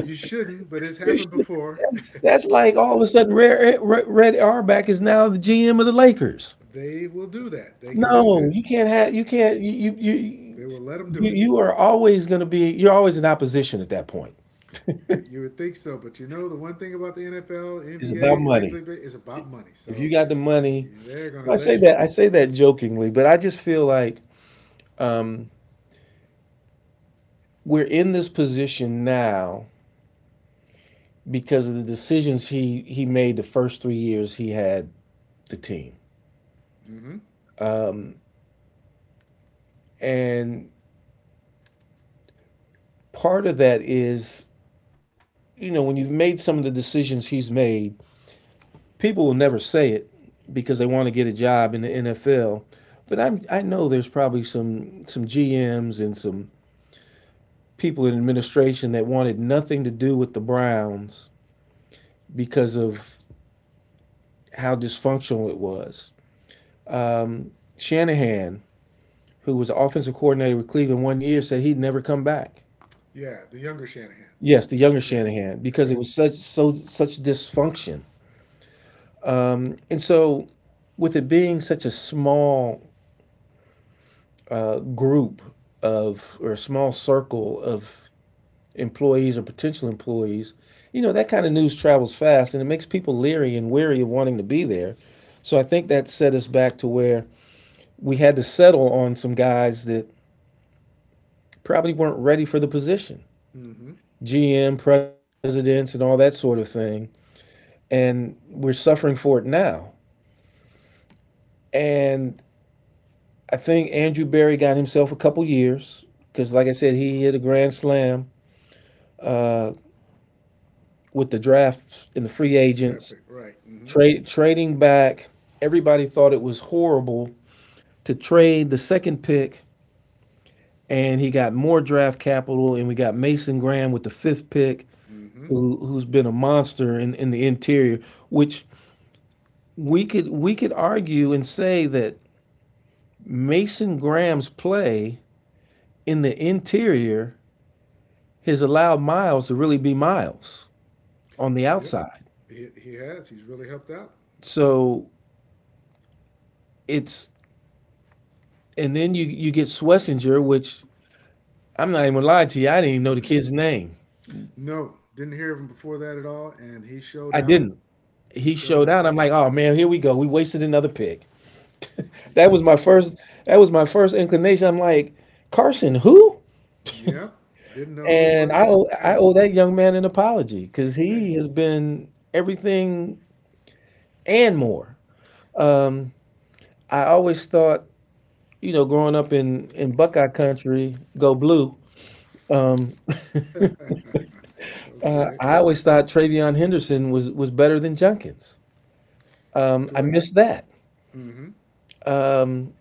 You shouldn't, but it's happened before. <laughs> That's like all of a sudden Red Auerbach is now the GM of the Lakers. They will do that. They can do No, that. you can't have. You can't. You you you They will let them do you, it. you are always going to be. You're always in opposition at that point. You would think so, but you know the one thing about the NFL, It's NBA, about and Major money. League Baseball is about money. If So you got the money, yeah, they're gonna so I say let you. that. I say that jokingly, but I just feel like um, we're in this position now because of the decisions he made the first 3 years he had the team. Hmm. Um, and part of that is, you know, when you've made some of the decisions he's made, people will never say it because they want to get a job in the NFL. But I know there's probably some GMs and some people in administration that wanted nothing to do with the Browns because of how dysfunctional it was. Shanahan, who was offensive coordinator with Cleveland 1 year, said he'd never come back. Yeah, the younger Shanahan. Yes, the younger Yes, Shanahan, because it correct. was such dysfunction. And so with it being such a small group of, or a small circle of, employees or potential employees, you know, that kind of news travels fast, and it makes people leery and weary of wanting to be there. So I think that set us back to where we had to settle on some guys that probably weren't ready for the position. Mm-hmm. GM, presidents, and all that sort of thing. And we're suffering for it now. And I think Andrew Berry got himself a couple years because, like I said, he hit a grand slam with the drafts and the free Draft agents, pick, right? Mm-hmm. trade trading back. Everybody thought it was horrible to trade the second pick, and he got more draft capital, and we got Mason Graham with the fifth pick, Mm-hmm. who's been a monster in the interior. Which we could argue and say that Mason Graham's play in the interior has allowed Miles to really be Miles on the Yep. outside. He has. He's really helped out. So it's and then you get Swessinger, which I'm not even gonna lie to you, I didn't even know the kid's name. No, didn't hear of him before that at all, and he I showed didn't. out. He He showed showed out. out. I'm like, oh man, here we go. We wasted another pick. That was my Yep. first. That was my first inclination. I'm like, Carson, who? Yep. Didn't know who he And was from I Adam. owe that young man an apology, because Hey. he has been everything and more. I always thought, you know, growing up in Buckeye country, go blue. Um, Okay. I always thought Travion Henderson was better than Junkins. I Correct. missed that. Mm-hmm. Um,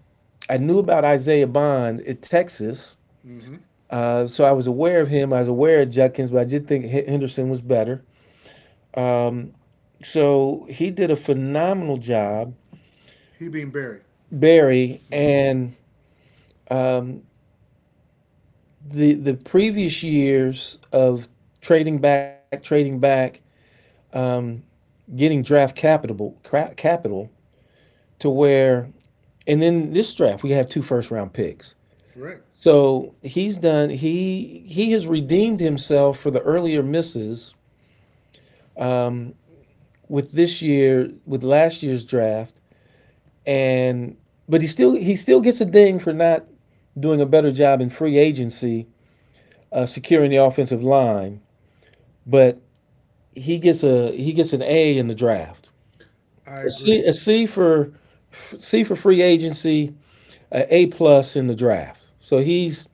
I knew about Isaiah Bond at Texas, Mm-hmm. So I was aware of him. I was aware of Junkins, but I did think Henderson was better. So he did a phenomenal job, He being Barry. Barry, Mm-hmm. and the previous years of trading back, getting draft capital to where, and then this draft we have two first round picks. Correct. So he's done. He has redeemed himself for the earlier misses with this year, with last year's draft, and but he still gets a ding for not doing a better job in free agency, securing the offensive line. But he gets an A in the draft. I agree. A C for C for free agency, an A plus in the draft. So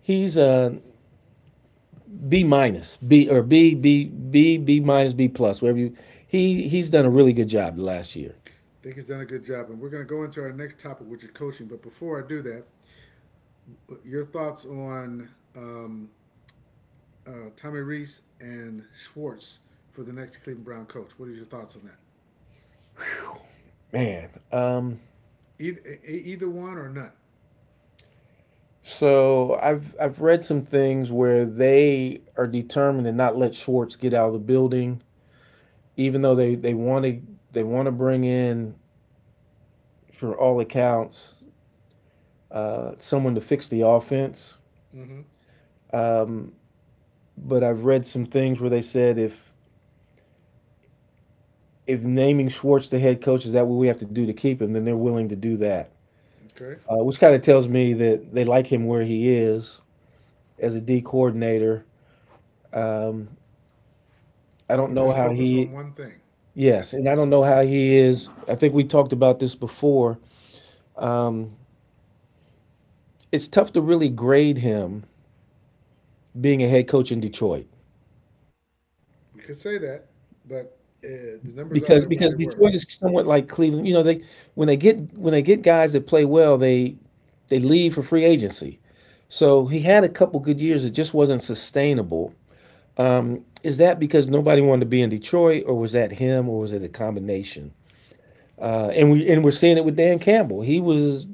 he's B minus, B or B, B, B, B minus, B plus, wherever you. He's done a really good job the last year. Think he's done a good job, and we're going to go into our next topic, which is coaching. But before I do that, your thoughts on um, Tommy Reese and Schwartz for the next Cleveland Brown coach. What are your thoughts on that? Man, Either, either one or none. so I've read some things where they are determined to not let Schwartz get out of the building, even though they want to, bring in, for all accounts, someone to fix the offense. Mm-hmm. Um, but I've read some things where they said if naming Schwartz the head coach is that what we have to do to keep him, then they're willing to do that. Okay, Which kind of tells me that they like him where he is as a D coordinator. Um, I he don't can know just how focus he— on one thing. yes, That's and I the, don't know how he is. I think we talked about this before. Um, it's tough to really grade him being a head coach in Detroit, we could say that, but the numbers are there because what they Detroit is were. somewhat like Cleveland. You know, they— when they get guys that play well, they leave for free agency. So he had a couple good years. It just wasn't sustainable. Is that because nobody wanted to be in Detroit, or was that him, or was it a combination? And we're seeing it with Dan Campbell. He was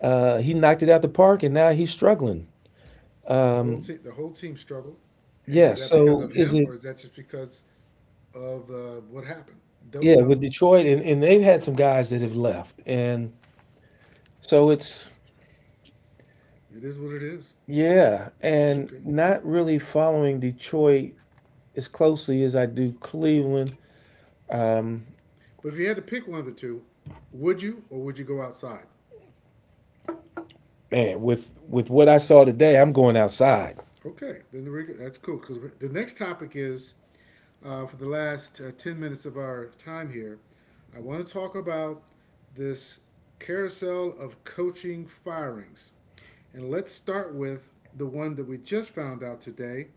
uh, He knocked it out the park, and now he's struggling. The whole team struggled, and Yeah. is that because So of is him it— or is that just because of what happened? yeah, Don't with know. Detroit, and they've had some guys that have left, and so it's— It is what it is. yeah, and Okay. not really following Detroit as closely as I do Cleveland. But if you had to pick one of the two, would you or would you go outside? Man, with what I saw today, I'm going outside. Okay, that's cool because the next topic is for the last 10 minutes of our time here. I want to talk about this carousel of coaching firings. And let's start with the one that we just found out today,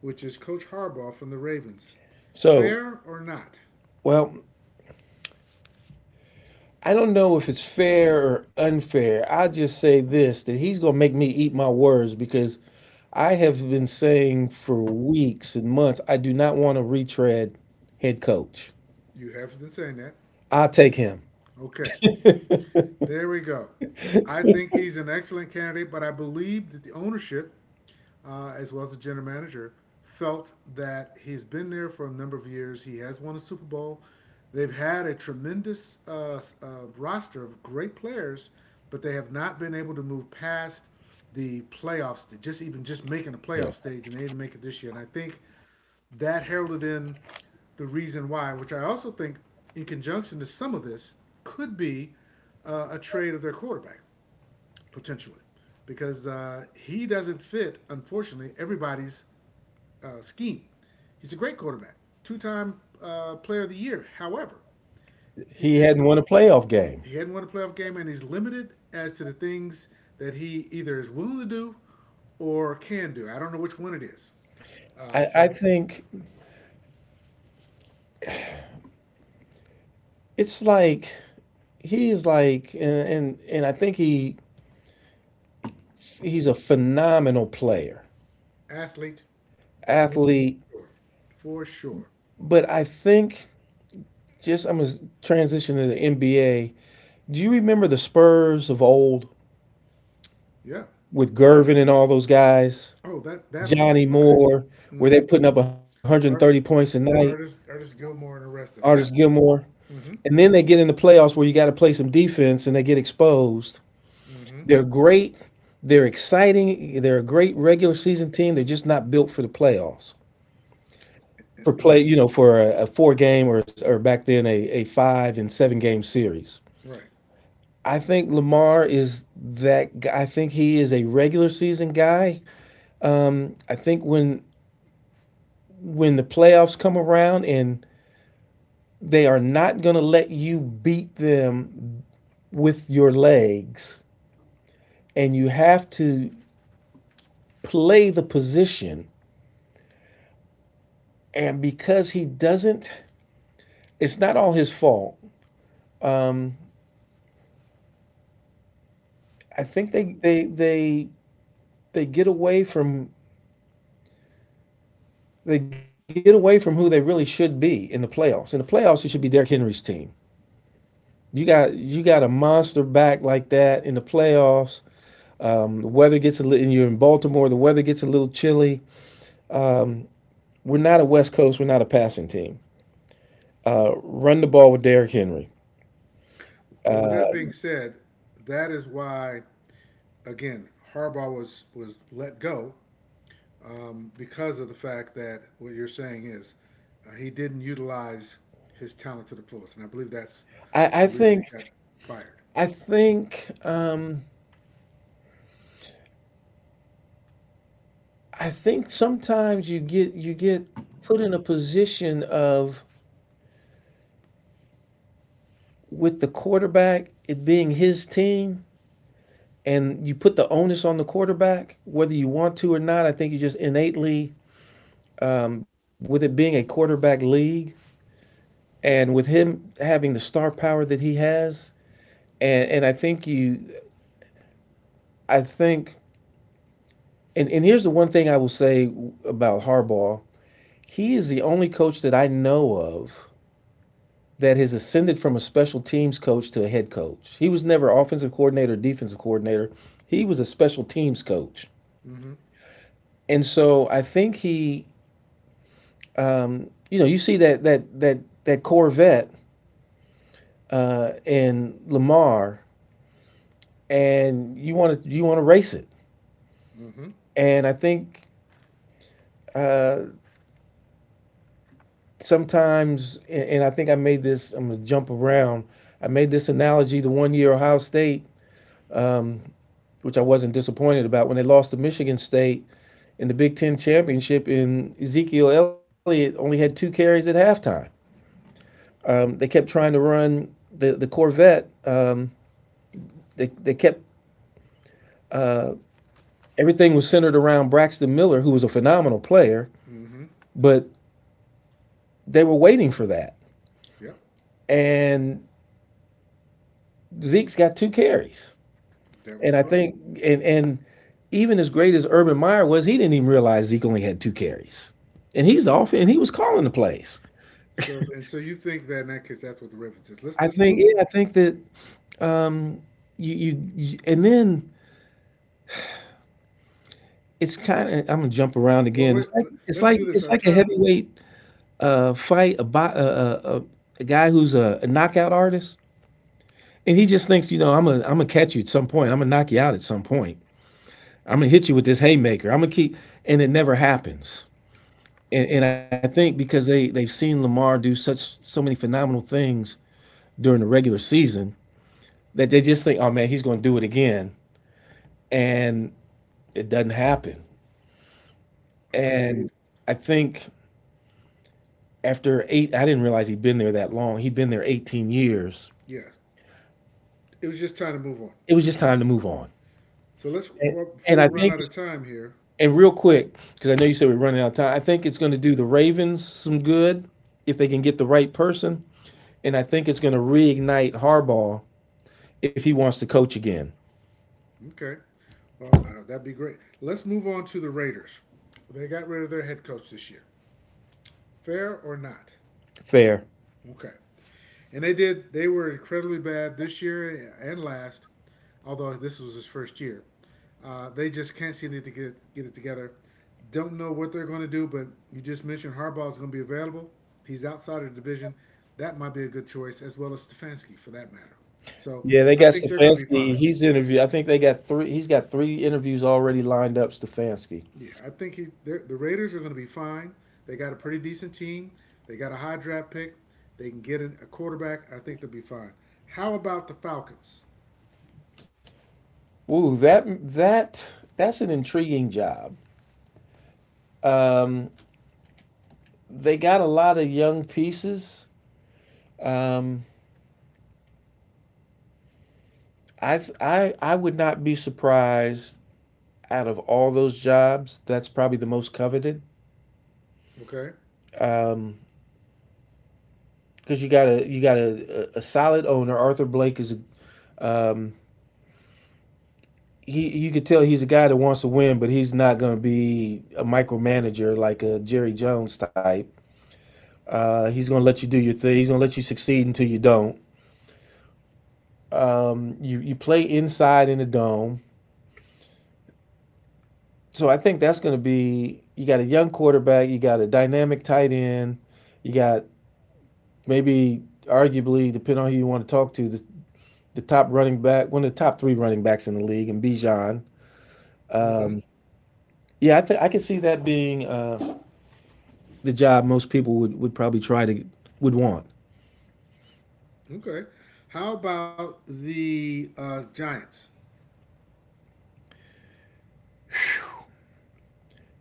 which is Coach Harbaugh from the Ravens. So Fair or not? well, I don't know if it's fair or unfair. I'll just say this, that he's going to make me eat my words, because I have been saying for weeks and months I do not want to retread head coach. You have been saying that. I'll take him. Okay. There we go. I think he's an excellent candidate, but I believe that the ownership, as well as the general manager, felt that he's been there for a number of years. He has won a Super Bowl. They've had a tremendous roster of great players, but they have not been able to move past the playoffs, just even just making the Yeah. playoff stage, and they didn't make it this year. And I think that heralded in the reason why, which I also think, in conjunction to some of this, could be a trade of their quarterback potentially, because he doesn't fit, unfortunately, everybody's scheme. He's a great quarterback, two-time Player of the Year. However, He it, hadn't won a playoff game. he hadn't won a playoff game, and he's limited as to the things that he either is willing to do or can do. I don't know which one it is. Uh, I so think it's like he is like, and I think he's a phenomenal player, Athlete, no, athlete, for sure. For sure. but I think just I'm gonna transition to the NBA. Do you remember the Spurs of old Yeah. with Gervin and all those guys? Oh, that old. Johnny Okay. Moore, where they're putting up 130 points Art, a night, artist Gilmore, and the rest Artis of them. Yeah. Gilmore. And then they get in the playoffs where you got to play some defense and they get exposed. They're great. They're exciting. They're a great regular season team. They're just not built for the playoffs. And, For and play, you know, for a four game, or back then a five and seven game series. right. I think Lamar is that guy. I think he is a regular season guy. I think when the playoffs come around, and they are not going to let you beat them with your legs, and you have to play the position, and because he doesn't— it's not all his fault. um, I think they get away from— they get away from who they really should be in the playoffs. In the playoffs, it should be Derrick Henry's team. You got a monster back like that in the playoffs. The weather gets a little— and you're in Baltimore, the weather gets a little chilly. We're not a West Coast, we're not a passing team. Run the ball with Derrick Henry. Well, with that being said, that is why again Harbaugh was let go because of the fact that what you're saying is he didn't utilize his talent to the fullest, and I believe that's I the reason he think, got fired. I think, I think sometimes you get put in a position of, with the quarterback, it being his team, and you put the onus on the quarterback, whether you want to or not. I think you just innately, with it being a quarterback league, and with him having the star power that he has, and I think you, I think, and here's the one thing I will say about Harbaugh: he is the only coach that I know of that has ascended from a special teams coach to a head coach. He was never offensive coordinator, or defensive coordinator. He was a special teams coach, Mm-hmm. and so I think you know, you see that that Corvette in Lamar, and you want to race it, Mm-hmm. and I think uh, sometimes, and, I think I made I'm going to jump around. I made this analogy the one year Ohio State, which I wasn't disappointed about, when they lost to Michigan State in the Big Ten championship, and Ezekiel Elliott only had two carries at halftime. They kept trying to run the Corvette. They kept, everything was centered around Braxton Miller, who was a phenomenal player, Mm-hmm. but they were waiting for that. Yep. And Zeke's got two carries. That was a And I problem. think, and even as great as Urban Meyer was, he didn't even realize Zeke only had two carries, and he was calling the plays. So and so you think that in that case that's what the reference is. I Let's think, move. yeah, I think that you and then it's kind of. I'm gonna jump around Well, again. It's wait, like it's let's like do this. it's Our like a top heavyweight fight, a guy who's a knockout artist, and he just thinks, you know, I'm a am gonna catch you at some point. I'm gonna knock you out at some point. I'm gonna hit you with this haymaker. I'm gonna keep, and it never happens and I think because they've seen Lamar do such so many phenomenal things during the regular season that they just think, oh man, he's going to do it again, and it doesn't happen. And agreed. I think after eight, I didn't realize he'd been there that long. He'd been there 18 years. Yeah, it was just time to move on. It was just time to move on. So let's And, before and we I run think, out of time here. and real quick, because I know you said we're running out of time, I think it's going to do the Ravens some good if they can get the right person. And I think it's going to reignite Harbaugh if he wants to coach again. Okay, well, that'd be great. Let's move on to the Raiders. They got rid of their head coach this year. Fair or not? Fair. Okay. And they did. They were incredibly bad this year and last, although this was his first year. They just can't seem to get it together. Don't know what they're going to do, but you just mentioned Harbaugh is going to be available. He's outside of the division. That might be a good choice, as well as Stefanski for that matter. So Yeah, they I got think they're going to be fine. Stefanski. He's interview. I think they got three. He's got three interviews already lined up. Stefanski. Yeah, the Raiders are going to be fine. They got a pretty decent team. They got a high draft pick. They can get a quarterback. I think they'll be fine. How about the Falcons? Ooh, that's an intriguing job. Um, they got a lot of young pieces. Um, I would not be surprised. Out of all those jobs, that's probably the most coveted. Okay. Um, because you got a solid owner. Arthur Blake is a, um, he you could tell he's a guy that wants to win, but he's not going to be a micromanager like a Jerry Jones type. He's going to let you do your thing. He's going to let you succeed until you don't. You you play inside in the dome, so I think that's going to be. You got a young quarterback. You got a dynamic tight end. You got maybe arguably, depending on who you want to talk to, the top running back, one of the top three running backs in the league, and Bijan. Um, Mm-hmm. yeah, I think I could see that being. The job most people would probably try to. Would want. Okay. How about the Giants?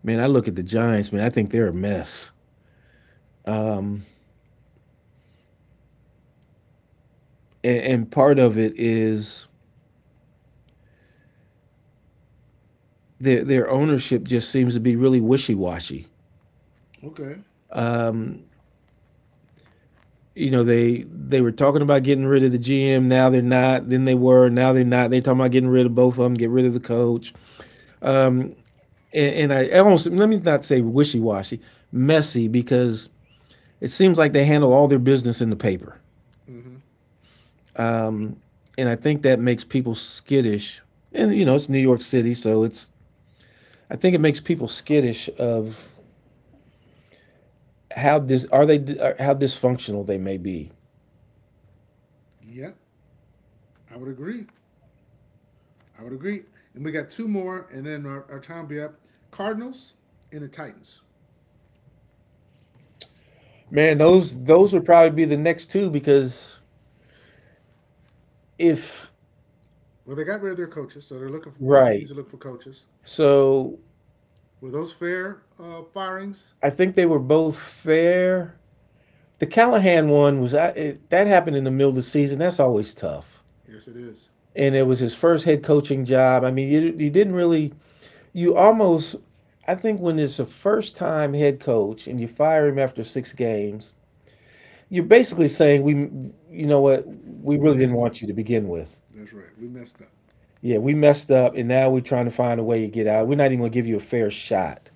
Man, I look at the Giants, man, I think they're a mess. Um, and part of it is their ownership just seems to be really wishy washy. Okay. Um, you know, they were talking about getting rid of the GM, now they're not. Then they were, now they're not. They're talking about getting rid of both of them, get rid of the coach. I almost, let me not say wishy washy, messy, because it seems like they handle all their business in the paper. Mm-hmm. And I think that makes people skittish. And, you know, it's New York City, so it's, I think it makes people skittish of how are they, how dysfunctional they may be. Yep. I would agree. I would agree. And we got two more, and then our time will be up. Cardinals and the Titans. Man, those would probably be the next two because if, Well, they got rid of their coaches, so they're looking for both teams right. are looking for coaches. So Were those fair firings? I think they were both fair. The Callahan one was, that happened in the middle of the season. That's always tough. Yes, it is. And it was his first head coaching job. I mean, you didn't really, you almost, I think when it's a first time head coach and you fire him after six games, you're basically saying we you know what, we We really didn't messed up. want you to begin with. That's right. We messed up. Yeah, we messed up and now we're trying to find a way to get out. We're not even going to give you a fair shot.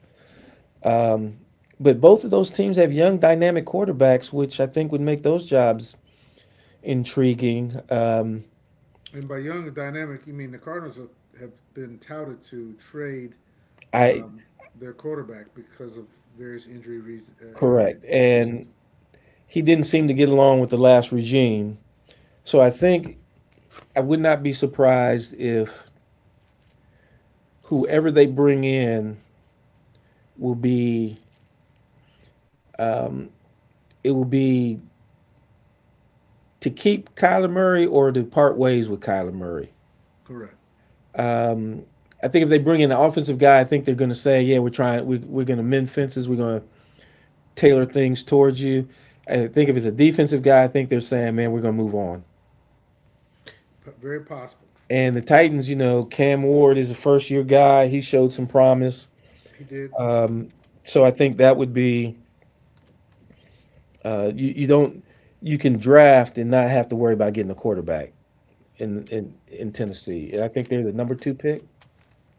Um, but both of those teams have young dynamic quarterbacks, which I think would make those jobs intriguing. And by young dynamic, you mean the have been touted to trade I um, their quarterback because of various injury reason, Correct. Injury And season. he didn't seem to get along with the last regime. So I think I would not be surprised if whoever they bring in will be it will be to keep Kyler Murray or to part ways with Kyler Murray. Correct. Um, I think if they bring in an offensive guy, I think they're going to say, yeah, we're going to mend fences, we're going to tailor things towards you. I think if it's a defensive guy, I think they're saying, man, we're going to move on. Very possible. And the Titans, you know, Cam Ward is a first year guy. He showed some promise. He did. So I think that would be, you don't, you can draft and not have to worry about getting a quarterback in Tennessee. And I think they're the number two pick.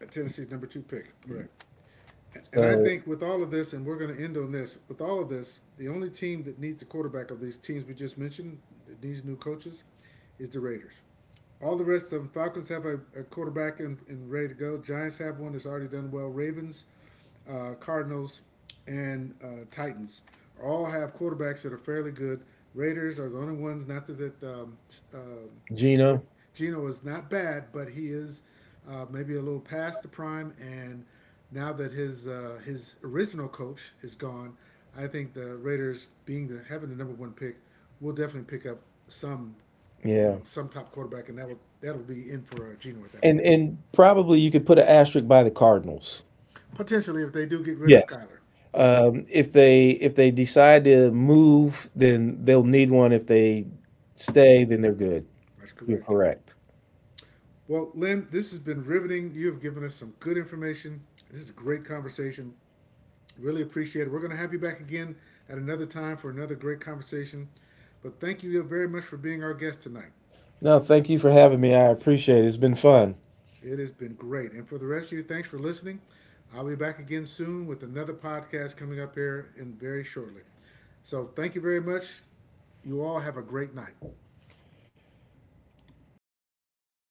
Tennessee's number two pick. Correct. And I So think with all of this, and we're going to end on this, with all of this, the only team that needs a quarterback of these teams we just mentioned, that needs new coaches, is the Raiders. All the rest of them, Falcons have a quarterback and ready to go. Giants have one that's already done well. Ravens, Cardinals, and Titans all have quarterbacks that are fairly good. Raiders are the only ones. Not uh, that Geno, Gino is not bad, but he is maybe a little past the prime. And now that his original coach is gone, I think the Raiders, being the having the number one pick, will definitely pick up some you yeah, know, some top quarterback, and that'll be in for Geno at that point. He'll, and probably you could put an asterisk by the Cardinals. potentially, if they do get rid of Yes, Kyler, yes, if they, if they decide to move, then they'll need one. If they stay, then they're good. that's You're correct. correct. Well, Lynn, this has been riveting. You have given us some good information. This is a great conversation. Really appreciate it. We're going to have you back again at another time for another great conversation. But thank you very much for being our guest tonight. No, thank you for having me. I appreciate it. It's been fun. It has been great. And for the rest of you, thanks for listening. I'll be back again soon with another podcast coming up here in very shortly. So thank you very much. You all have a great night.